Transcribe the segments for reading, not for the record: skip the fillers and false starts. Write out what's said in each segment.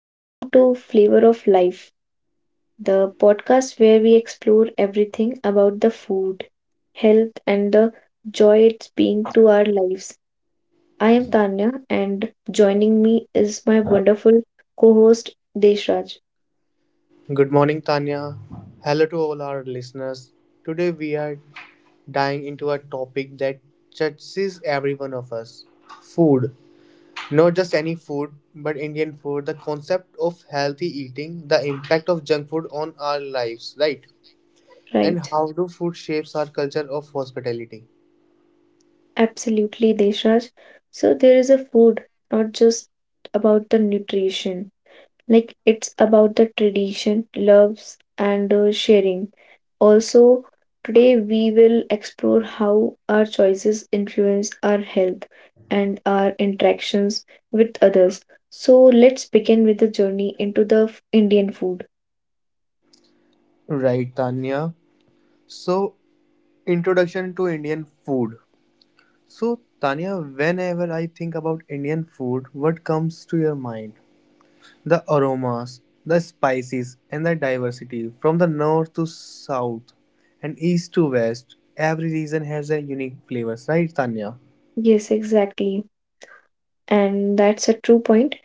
Welcome to Flavor of Life, the podcast where we explore everything about the food, health, and the joy it's being to our lives. I am Tanya, and joining me is my wonderful co host, Deshraj. Good morning, Tanya. Hello to all our listeners. Today we are diving into a topic that touches every one of us, food. Not just any food, but Indian food, the concept of healthy eating, the impact of junk food on our lives, right? And Right, how do food shapes our culture of hospitality? absolutely, Deshraj. So, there is a food, not just about the nutrition, like it's about the tradition loves and sharing also. Today we will explore how our choices influence our health and our interactions with others. So let's begin with the journey into the Indian food. Right, Tanya. So, introduction to Indian food. So, Tanya, whenever I think about Indian food, what comes to your mind? The aromas, the spices, and the diversity from the north to south and east to west, every region has a unique flavors, right, Tanya? Yes, exactly, and that's a true point.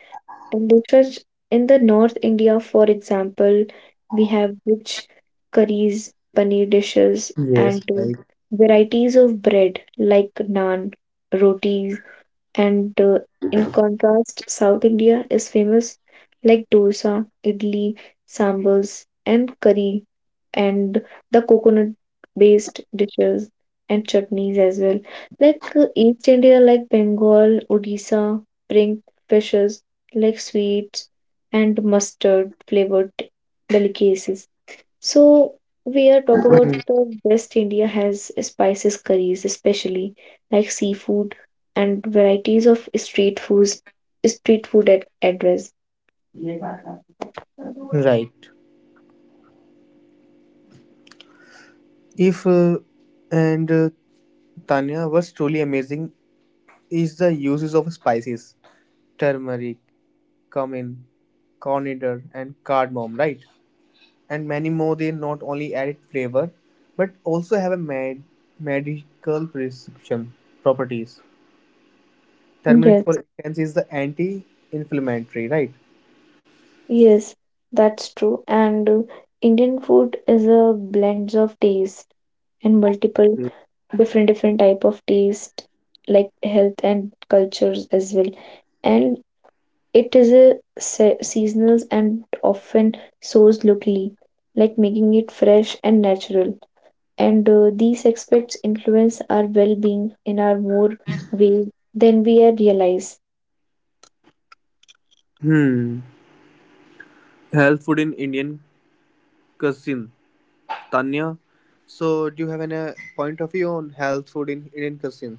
In the church, in the North India, for example, we have rich curries, paneer dishes, Yes, and right. varieties of bread like naan, rotis, and in contrast, South India is famous like dosa, idli, sambals, and curry, and the coconut-based dishes and chutneys as well. Like East India, like Bengal, Odisha, bring fishes like sweets and mustard-flavored delicacies. So we are talk about the West India has spices curries, especially like seafood and varieties of street foods, street food at address. Right. If and Tanya, what's truly amazing is the uses of spices, turmeric, cumin, coriander, and cardamom, right? And many more. They not only add flavor, but also have a medical prescription properties. Turmeric, Yes. for instance, is the anti-inflammatory, right? Yes, that's true. And Indian food is a blend of taste and multiple different type of taste like health and cultures as well. And it is a seasonal and often sourced locally, like making it fresh and natural. And these aspects influence our well-being in our more ways than we are realize. Hmm. Health food in Indian cuisine. Tanya. So, do you have any point of view on health food in Indian cuisine?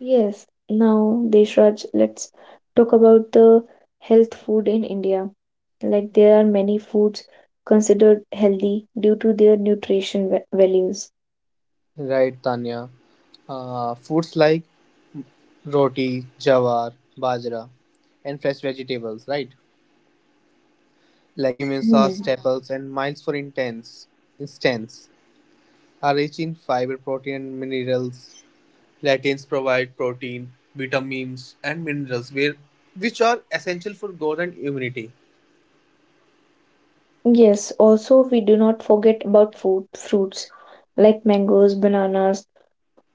Yes. Now, Deshraj, let's talk about the health food in India. Like there are many foods considered healthy due to their nutrition values. Right, Tanya. Foods like roti, jawar, bajra, and fresh vegetables, right? Legumes, sauce, Hmm. staples, and miles for intense instance are rich in fiber, protein, and minerals. Plantains provide protein, vitamins, and minerals which are essential for growth and immunity. Yes, also we do not forget about food, fruits like mangoes, bananas,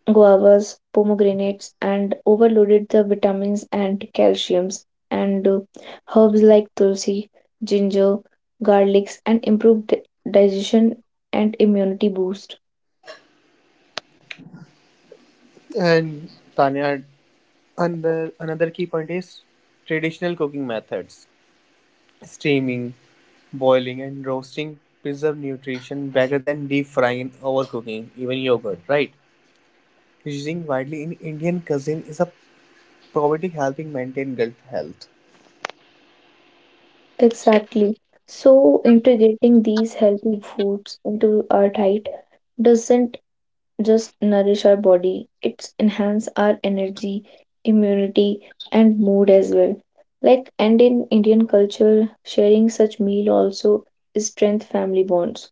guavas, pomegranates, and overloaded the vitamins and calciums, and herbs like tulsi, ginger, garlics, and improved digestion and immunity boost. And Tanya, another key point is traditional cooking methods. Steaming, boiling, and roasting preserve nutrition better than deep frying and overcooking, even yogurt, right? Using widely in Indian cuisine is a probiotic helping maintain gut health. Exactly. So integrating these healthy foods into our diet doesn't just nourish our body, it's enhance our energy, immunity, and mood as well. Like and in Indian culture, sharing such meal also strength family bonds.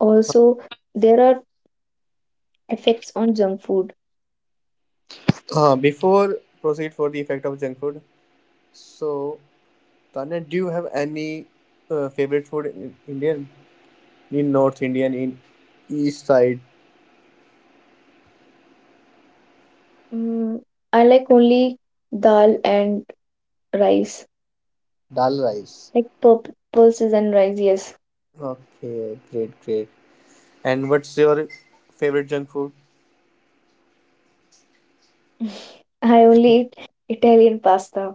Also, there are effects on junk food. Before proceed for the effect of junk food, so Tanya, do you have any favorite food in Indian? In North Indian, in East side? Mm, I like only dal and rice, Dal rice. like pulses and rice, yes. Okay, great, great. And what's your favorite junk food? I only eat Italian pasta,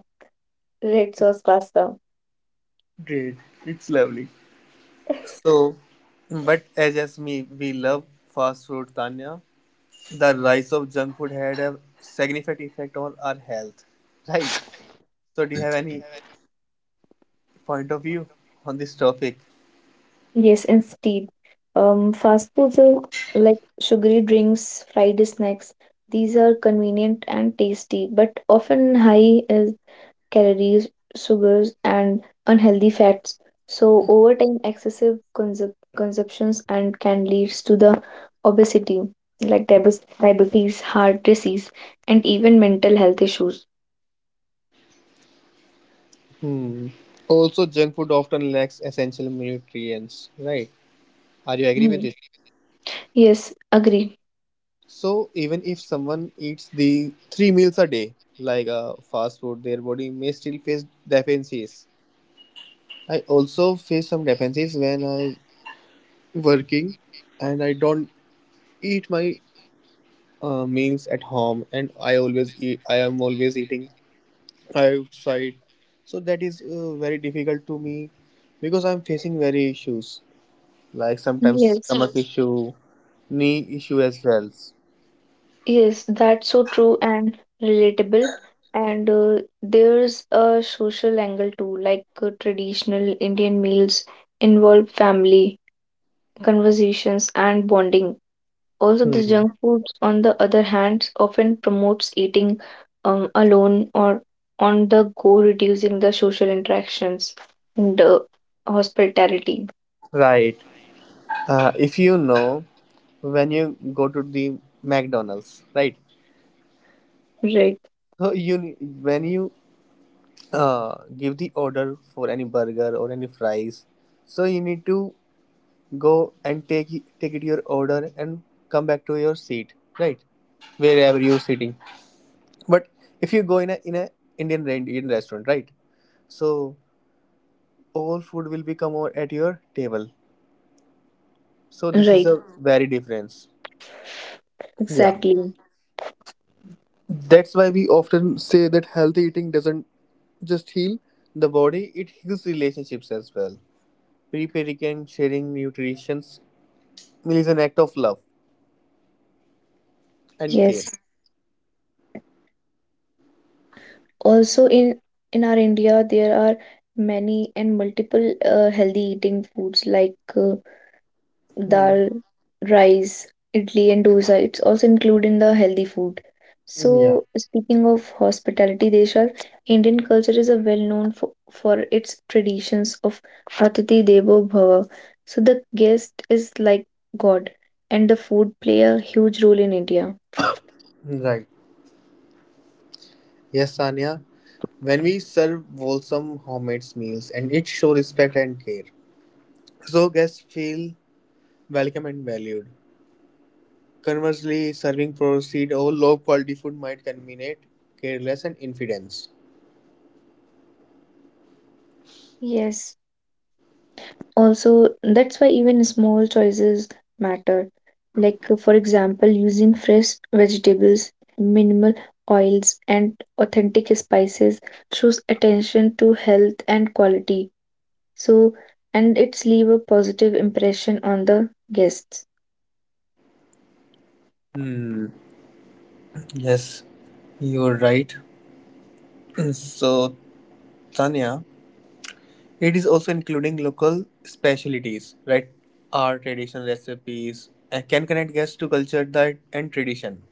red sauce pasta. Great. It's lovely. So, but as me, we love fast food, Tanya. The rise of junk food had a significant effect on our health. Right. So, do you have any point of view on this topic? Yes, instead. Fast foods are like sugary drinks, fried snacks. These are convenient and tasty, but often high is calories, sugars, and unhealthy fats. So over time, excessive consumptions and can leads to the obesity, like diabetes, heart disease, and even mental health issues. Hmm. Also, junk food often lacks essential nutrients, right? Are you agree with Mhm. this? Yes, agree. So, even if someone eats the three meals a day, like fast food, their body may still face deficiencies. I also face some deficiencies when I working, and I don't eat my meals at home, and I always eat. I am always eating outside, so that is very difficult to me because I'm facing very issues. Like sometimes Yes, stomach, yes, issue, knee issue as well. yes, that's so true and relatable. And there's a social angle too, like traditional Indian meals involve family, conversations, and bonding. Also, the junk foods, on the other hand, often promotes eating alone or on the go, reducing the social interactions and hospitality. Right. If you know when you go to the McDonald's, right? Right, So you When you give the order for any burger or any fries, so you need to go and take it your order and come back to your seat, right? Wherever you're sitting. But if you go in a Indian restaurant, right? So all food will be come over at your table. So this is right, a very difference. Yeah. exactly. That's why we often say that healthy eating doesn't just heal the body, it heals relationships as well. Preparing and sharing nutrition is an act of love and care. Yes. Also in our India there are many and multiple healthy eating foods like Hmm. dal, rice, idli and dosa. It's also included in the healthy food. Yeah, So speaking of hospitality, Deshal, Indian culture is a well known for its traditions of Atithi Devo Bhava. So the guest is like God, and the food play a huge role in India. right. Yes, Sanya. When we serve wholesome homemade meals and it show respect and care, so guests feel welcome and valued. Conversely, serving processed or low-quality food might contaminate, careless, and infidence. Yes. Also, that's why even small choices matter. Like, for example, using fresh vegetables, minimal oils, and authentic spices shows attention to health and quality. So, and it's leave a positive impression on the guests. Hmm, yes, you're right. So, Tanya, it is also including local specialties, right? Our traditional recipes and can connect guests to culture that and tradition.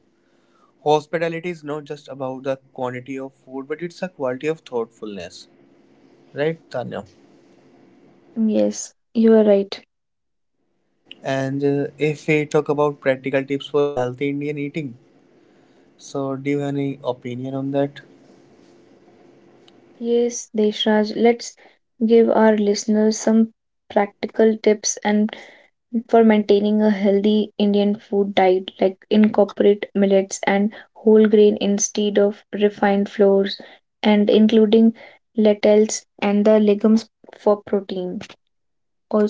Hospitality is not just about the quantity of food, but it's a quality of thoughtfulness, right, Tanya? Yes, you are right. And if we talk about practical tips for healthy Indian eating, so, do you have any opinion on that? Yes, Deshraj, let's give our listeners some practical tips and for maintaining a healthy Indian food diet, like incorporate millets and whole grain instead of refined flours, and including lentils and the legumes for protein.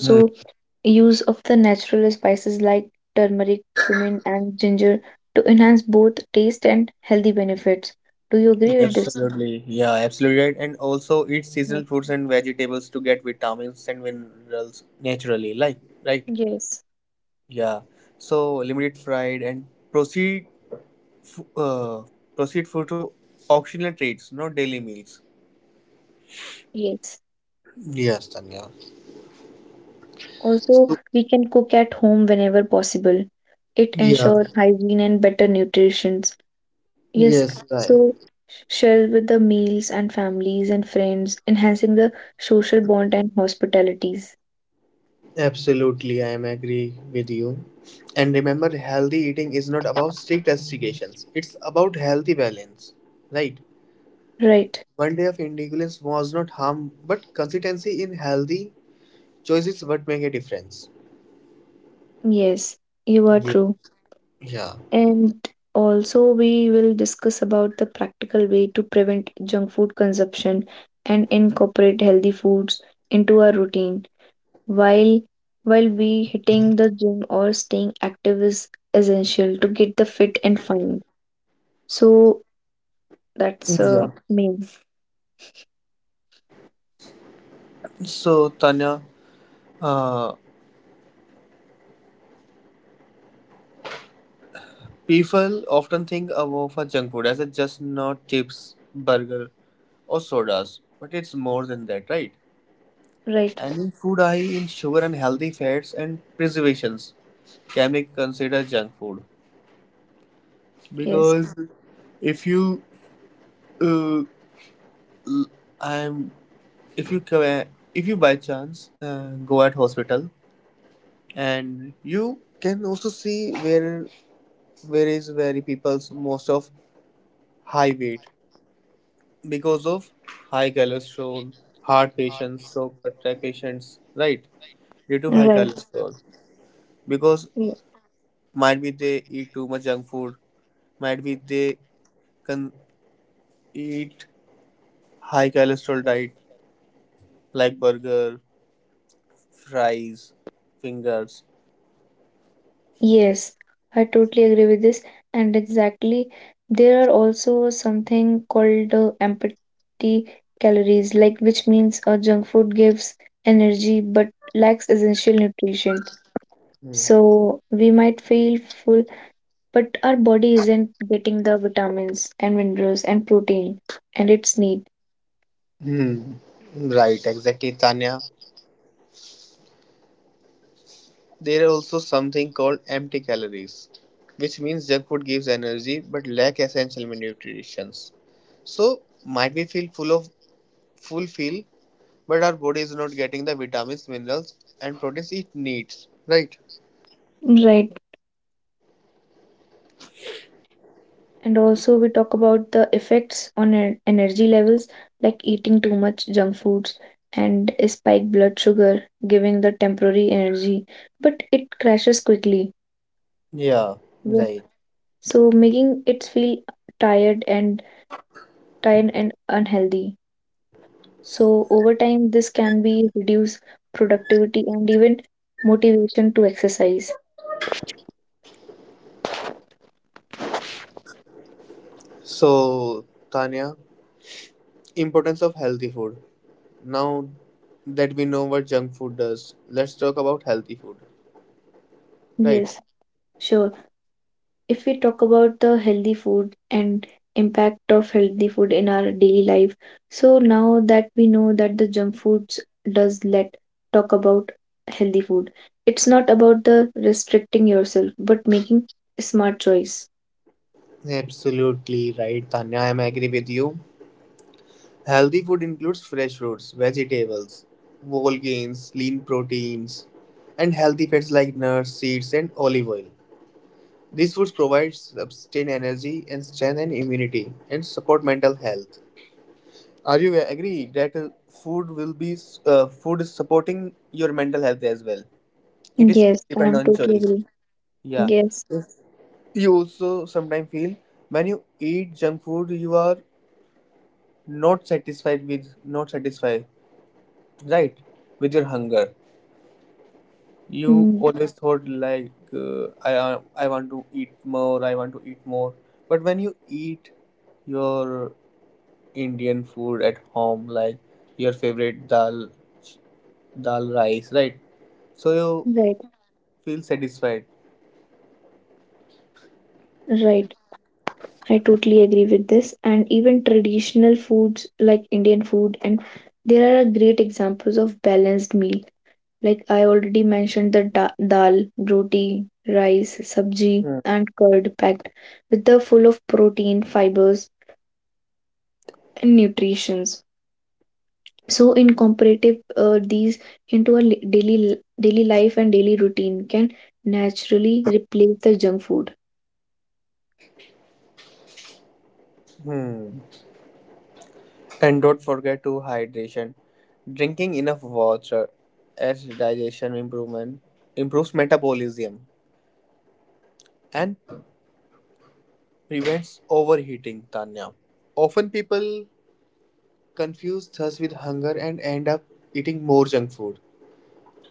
Hmm. use of the natural spices like turmeric, cumin, and ginger to enhance both taste and healthy benefits. Do you agree with this? Absolutely, yeah, absolutely right. And also eat Yes. seasonal fruits and vegetables to get vitamins and minerals naturally. Like, right? Yes. Yeah. So limited fried and uh, proceed for to occasional treats, not daily meals. Yes. Yes, Tanya. Also, So, we can cook at home whenever possible. It yeah. ensures hygiene and better nutrition. Yes, Yes, right. so share with the meals and families and friends, enhancing the social bond and hospitalities. Absolutely, I am agree with you. And remember, healthy eating is not about strict restrictions. It's about healthy balance, right? Right. One day of indulgence was not harm, but consistency in healthy choices what make a difference. Yes, you are Yeah. true. Yeah. And also, we will discuss about the practical way to prevent junk food consumption and incorporate healthy foods into our routine while we hitting the gym or staying active is essential to get the fit and fine. So that's Yeah. main, So Tanya, uh, people often think of a junk food as a just not chips, burger, or sodas, but it's more than that, right? right? And in food, I in sugar and healthy fats and preservations can be considered junk food Yes. because if you uh, l- I'm if you ca- if you by chance go at hospital and you can also see where where people's most of high weight because of high cholesterol, heart patients, stroke attack patients, right? Due to high Right. cholesterol, because Y- might be they eat too much junk food, might be they can eat high cholesterol diet, like burger, fries, fingers. Yes, I totally agree with this. And exactly, there are also something called empty calories, like which means junk food gives energy but lacks essential nutrition. So we might feel full, but our body isn't getting the vitamins and minerals and protein and its need. Hmm. Right, exactly, Tanya. There are also something called empty calories, which means junk food gives energy but lack essential nutrients. So, might we feel full feel, but our body is not getting the vitamins, minerals, and proteins it needs. Right. Right. And also we talk about the effects on our energy levels, like eating too much junk foods and spike blood sugar giving the temporary energy, but it crashes quickly. Yeah, Yeah. right. So making it feel tired and tired and unhealthy. So over time this can be reduce productivity and even motivation to exercise. So, Tanya, importance of healthy food. Now that we know what junk food does, let's talk about healthy food, right? Yes, sure. If we talk about the healthy food and impact of healthy food in our daily life, so now that we know that the junk foods does, let talk about healthy food. It's not about the restricting yourself but making smart choice. Absolutely right, Tanya. I am agree with you. Healthy food includes fresh fruits, vegetables, whole grains, lean proteins, and healthy fats like nuts, seeds, and olive oil. These foods provide sustained energy and strength and immunity and support mental health. Are you agree that food will be food is supporting your mental health as well? It is Yes, depend I'm on totally choice. agree. Yeah. Yes. You also sometimes feel when you eat junk food, you are not satisfied, right? With your hunger, you Hmm. always thought like I want to eat more, I want to eat more. But when you eat your Indian food at home, like your favorite dal, dal rice, right? So you Right. feel satisfied. Right, I totally agree with this. And even traditional foods like Indian food, and there are great examples of balanced meal. Like I already mentioned, the dal, roti, rice, sabji, Hmm. and curd packed with the full of protein, fibers, and nutritions. So, in comparative, these into a daily daily life and daily routine can naturally replace the junk food. And don't forget to hydration. Drinking enough water as digestion improves metabolism, and prevents overheating. Tanya. Often people confuse thirst with hunger and end up eating more junk food.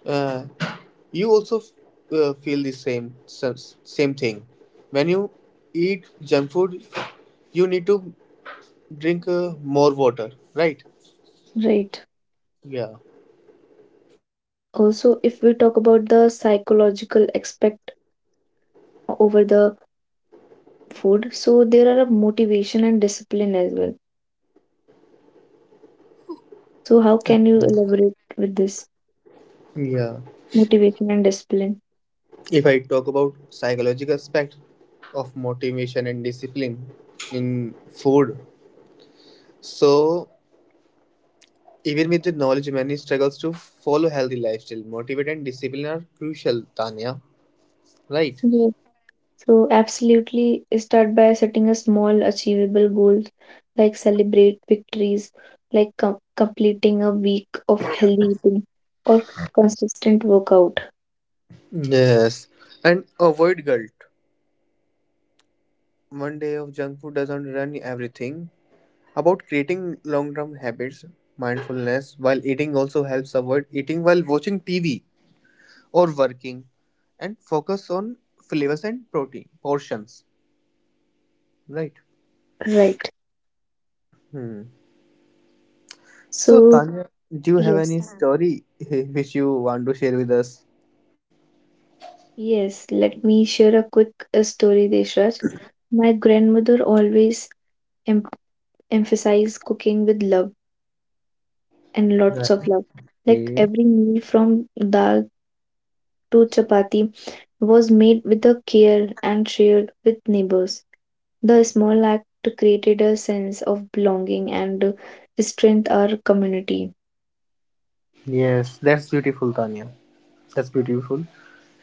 Uh, you also feel the same thing. When you eat junk food, you need to drink more water, right? Right. Yeah, Also, if we talk about the psychological aspect over the food, so there are a motivation and discipline as well. So, how can you elaborate with this yeah. motivation and discipline? If I talk about psychological aspect of motivation and discipline in food, so even with the knowledge, many struggles to follow healthy lifestyle. Motivate and discipline are crucial, Tanya, right? So, absolutely start by setting a small achievable goals like celebrate victories, like completing a week of healthy eating or consistent workout, Yes, and avoid guilt. One day of junk food doesn't run everything. About creating long-term habits, mindfulness while eating also helps. Avoid eating while watching TV or working, and focus on flavors and protein portions. Right. right? Hmm. So, So, Tanya, do you have yes, any story which you want to share with us? yes, let me share a quick story, Deshraj. My grandmother always em- emphasized cooking with love and Right. lots of love. Like Yeah. every meal from dal to chapati was made with a care and shared with neighbors. The small act created a sense of belonging and strength our community. Yes, that's beautiful, Tanya. That's beautiful.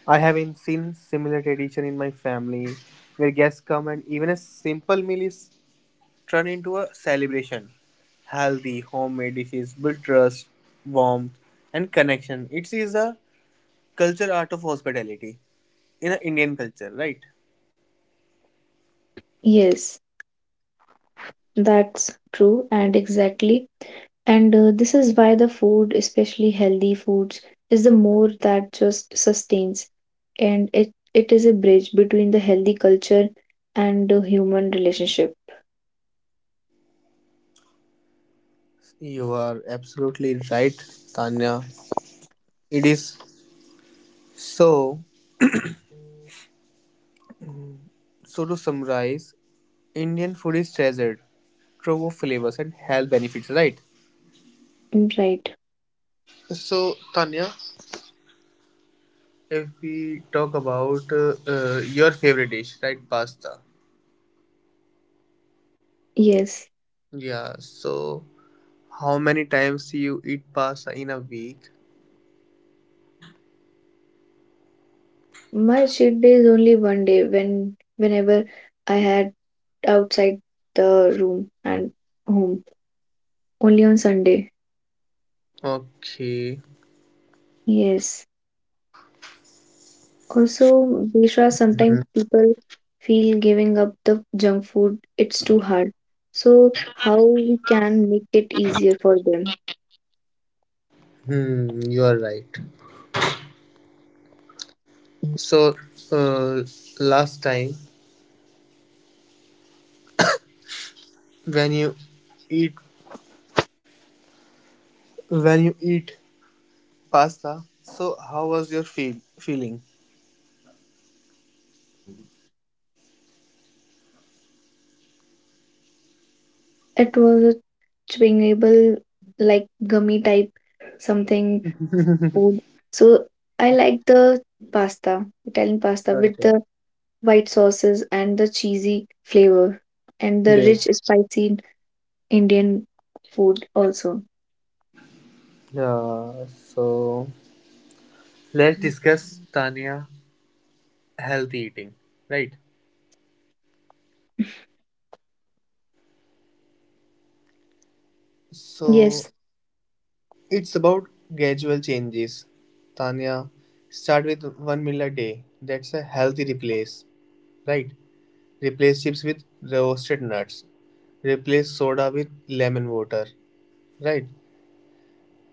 I haven't seen similar tradition in my family where guests come and even a simple meal is turned into a celebration. Healthy, homemade dishes build trust, warmth, and connection. It is a culture art of hospitality in a Indian culture, right? Yes, that's true and exactly. And this is why the food, especially healthy foods, is the more that just sustains and it is a bridge between the healthy culture and the human relationship. You are absolutely right, Tanya. It is so. So to summarize, Indian food is treasured, trove of flavors and health benefits. Right. Right. So Tanya, if we talk about your favorite dish, right, pasta. Yes. Yeah. So how many times you eat pasta in a week? My cheat day is only one day when whenever I had outside the room and home. Only on Sunday. Okay. Yes. Also, Bishra, sometimes people feel giving up the junk food, it's too hard. So how we can make it easier for them? Hmm. You are right. So uh, last time when eat you eat pasta, so how was your feeling? It was a chewingable like gummy type something food. So I like the pasta, Italian pasta with Okay, the white sauces and the cheesy flavor and the good. rich spicy Indian food also. So, let's discuss Tanya healthy eating, right? So Yes, it's about gradual changes. Tanya, start with one meal a day. That's a healthy replace, right? Replace chips with roasted nuts. Replace soda with lemon water, right?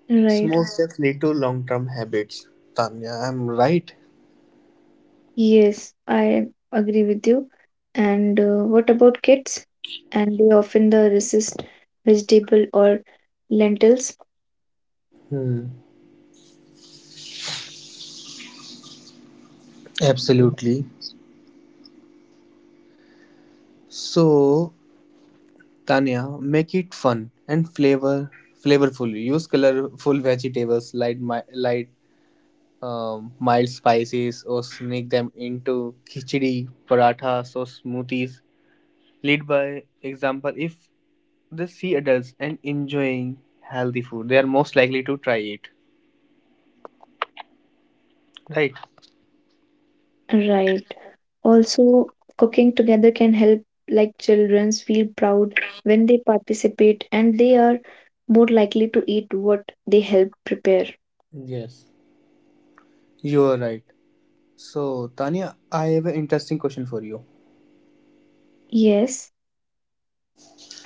right. Small steps lead to long-term habits. Tanya, I'm right. Yes, I agree with you. And what about kids? And they often the resist vegetable or lentils. Hmm. Absolutely. So Tanya, make it fun and flavorful. Use colorful vegetables, light mi- light mild spices, or sneak them into khichdi, parathas, or smoothies. Lead by example. If they see adults and enjoying healthy food, they are most likely to try it. Right? Right. Also, cooking together can help like children feel proud when they participate and they are more likely to eat what they help prepare. Yes. You are right. So, Tanya, I have an interesting question for you. Yes,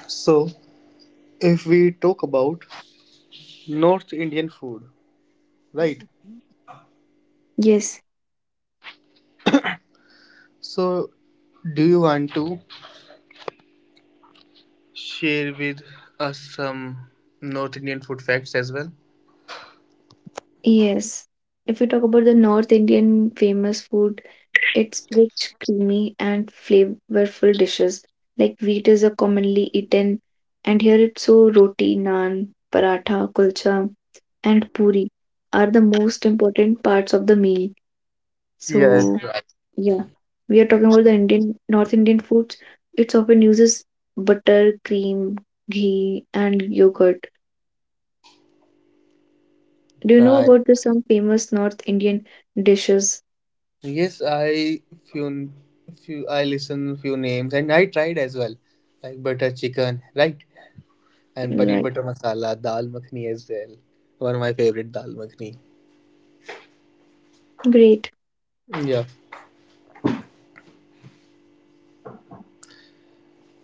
So, if we talk about North Indian food, right? yes. So, do you want to share with us some North Indian food facts as well? Yes. If we talk about the North Indian famous food, it's rich, creamy, and flavorful dishes. Like wheat is a commonly eaten, and here it's so roti, naan, paratha, kulcha, and puri are the most important parts of the meal. Yes, So right. yeah, we are talking about the Indian North Indian foods. It often uses butter, cream, ghee, and yogurt. Do you know Right. about the some famous North Indian dishes? Yes, few I listen few names and I tried as well, like butter chicken, right? And paneer Like? butter masala, dal makhni as well. One of my favorite dal makhni. Great. Yeah.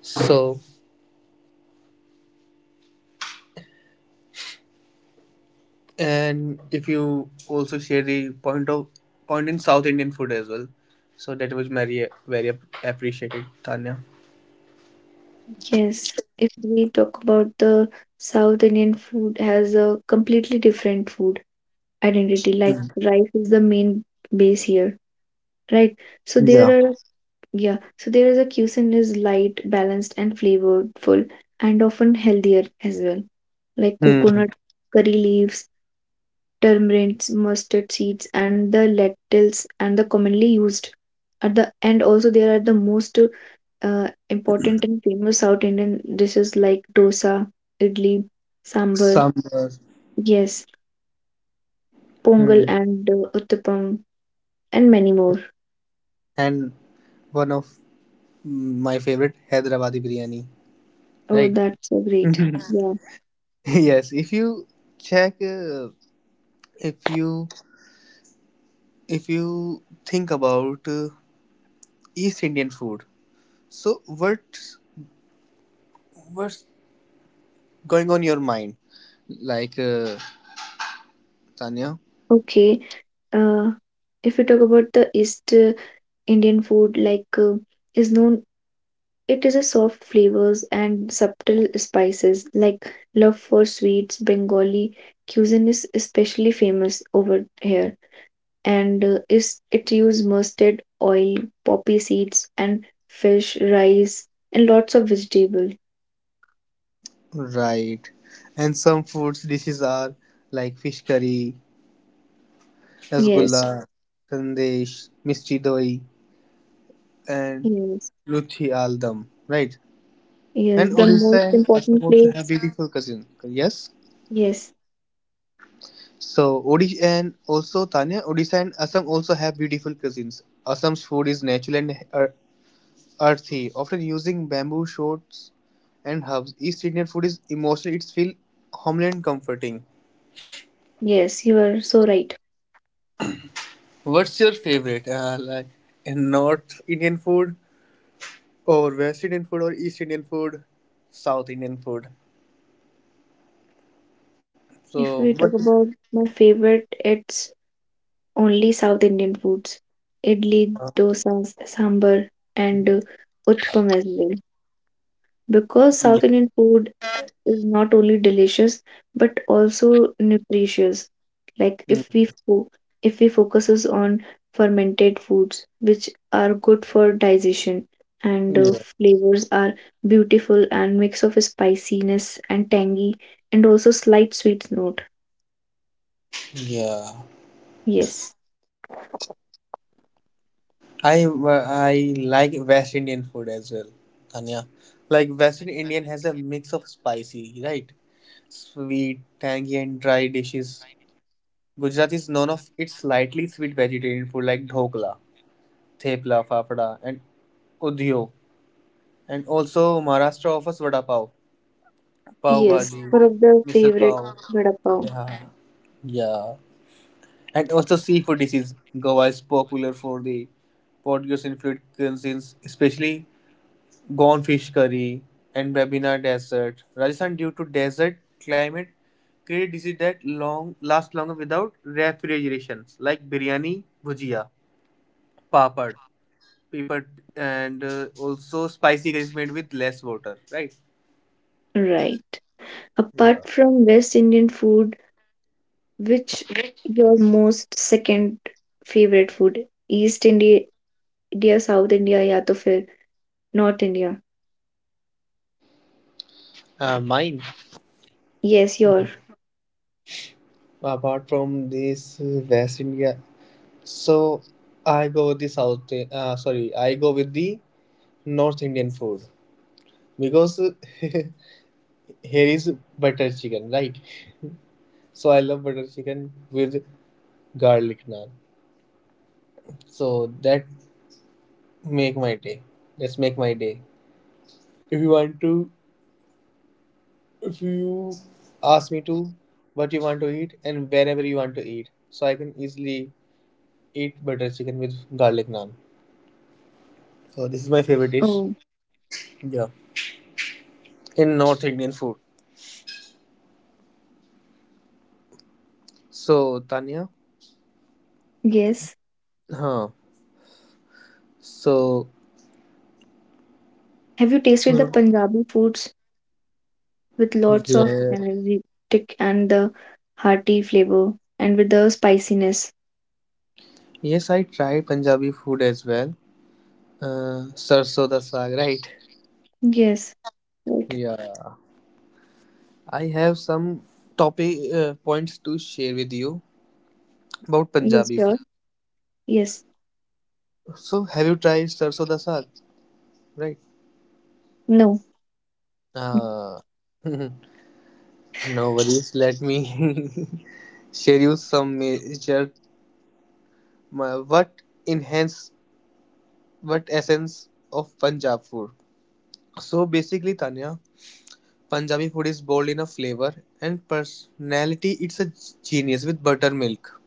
So, and if you also share the point in South Indian food as well, so that was very very appreciated, Tanya. Yes. If we talk about the South Indian food has a completely different food identity. Like rice is the main base here, right? So Yeah. there are yeah, so there is a cuisine is light, balanced and flavorful and often healthier as well. Like Hmm. coconut, curry leaves, turmeric, mustard seeds and the lentils and the commonly used at the end also there are the most important and famous South Indian dishes like dosa, idli, sambar, Sambar. yes, pongal Hmm. and uttapam, and many more. And one of my favorite Hyderabadi biryani. Oh, Right. that's so great. Yeah. Yes. If you check, if you if you think about East Indian food, so what's going on your mind? Like, Tanya. Okay. Uh, if we talk about the East Indian food, like is known, it is a soft flavors and subtle spices. Like love for sweets, Bengali cuisine is especially famous over here and is it use mustard oil poppy seeds and fish rice and lots of vegetable. Right. And some foods dishes are like fish curry, rasgulla, Yes, sandesh, misti doi, and yes, Luthi Aldam, right? yes, And the most Odisha and Assam important also have place. beautiful cousins. Yes. Yes, So Odisha and also Tanya, Odisha and Assam also have beautiful cousins. Assam's food is natural and earthy, often using bamboo shoots and herbs. East Indian food is emotional; it's feel homeland comforting. yes, you are so right. What's your favorite? Like in North Indian food, or West Indian food, or East Indian food, South Indian food. If we So talk what is? about my favorite, it's only South Indian foods: idli, dosa, sambar, and utpam as well, because South Yeah. Indian food is not only delicious but also nutritious. Like if we if we focuses on fermented foods, which are good for digestion, and Yeah. flavors are beautiful and mix of spiciness and tangy and also slight sweet note. Yeah. Yes, I I like West Indian food as well, Tanya. Like West Indian has a mix of spicy, right? Sweet, tangy, and dry dishes. Gujarat is known of its slightly sweet vegetarian food like dhokla, thepla, fafda, and udhyo. And also Maharashtra offers vada pav, pav yes, bhaji, mm, one of the misal favorite pav. vada pav. Yeah, yeah. And also seafood dishes. Goa is popular for the Portuguese influenced cuisines, especially Gone fish curry and Babina Desert. Rajasthan, due to desert climate, create dishes that long last longer without refrigeration, like biryani, bhujia, papad, pepper, and also spicy curries made with less water. Right. Right. Apart from West Indian food, which your most second favorite food? East India Dear South India, या तो फिर North India. Mine. Yes, your. Apart from this West India, so I go with the South. Sorry, I go with the North Indian food because here is butter chicken, right? So I love butter chicken with garlic naan. So that make my day. Let's make my day. If you want to, if you ask me to, what you want to eat and wherever you want to eat, so I can easily eat butter chicken with garlic naan. So this is my favorite dish. Oh, Yeah, in North Indian food. So Tanya, yes. huh? So. Have you tasted the Hmm. Punjabi foods with lots of Yeah, energetic and the hearty flavor and with the spiciness? yes, I tried Punjabi food as well. Uh, Sarso da saag, right? Yes, right. Yeah. I have some topic points to share with you about Yes, Punjabi sure. food. Yes. So, have you tried sarso da saag? Right. No. Uh, no worries. Let me share you some major what enhance what essence of Punjab food. So basically, Tanya, Punjabi food is bold in a flavor and personality. It's a genius with buttermilk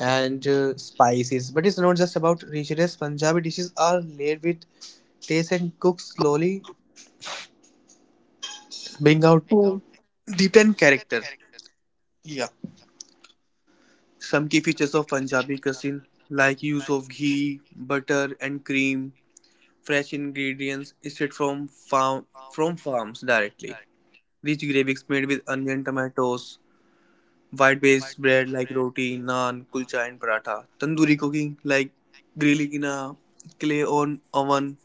and spices. But it's not just about richness. Punjabi dishes are layered with taste and cooked slowly, bring out Oh, deep and character. Yeah. Some key features of Punjabi cuisine like use of ghee, butter, and cream, fresh ingredients straight from farms directly. Rich gravies made with onion, tomatoes, white-based bread like roti, naan, kulcha, and paratha. Tandoori cooking like grilling in a clay on oven,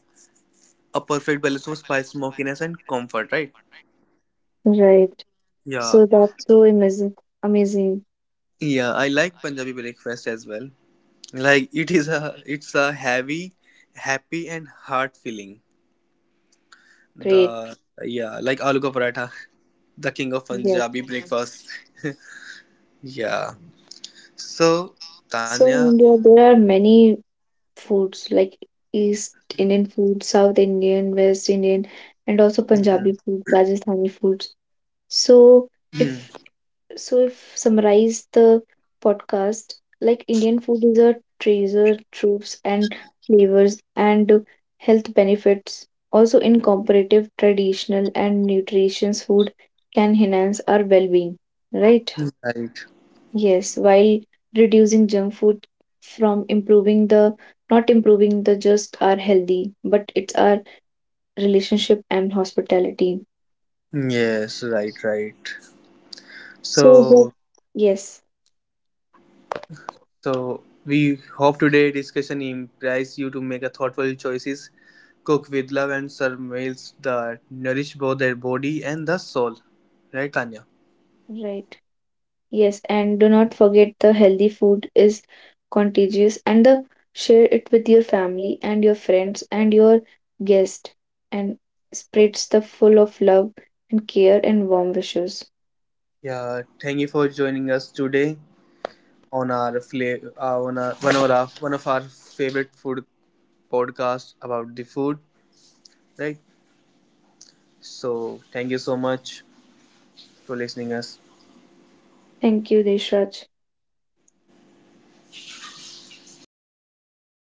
a perfect balance of spice, smokiness, and comfort, right? right. Yeah, So that's so amazing. Amazing. yeah. I like Punjabi breakfast as well. Like it's a heavy, happy, and heart filling. Great. The Yeah, like aloo ka paratha, the king of Yes. Punjabi, mhm, breakfast. Yeah. So So Tanya, in India, there are many foods like East Indian food, South Indian, West Indian, and also mhm. Punjabi food, Rajasthani foods. So Mhm. if summarize the podcast, like Indian food is a treasure, troops and flavors and health benefits. Also in comparative, traditional and nutritious food can enhance our well-being, right? Right? Yes, while reducing junk food from improving the not improving the just our healthy, but it's our relationship and hospitality. Yes, right, right. So So hope yes, So we hope today discussion implies you to make a thoughtful choices, cook with love, and serve meals that nourish both their body and the soul. Right, Tanya? right. Yes, and do not forget the healthy food is contagious and the share it with your family and your friends and your guest and spreads the full of love and care and warm wishes. Yeah. Thank you for joining us today on our fla- on our, one of our one of our favorite food podcast about the food. Right. So thank you so much for listening us. Thank you, Deshraj.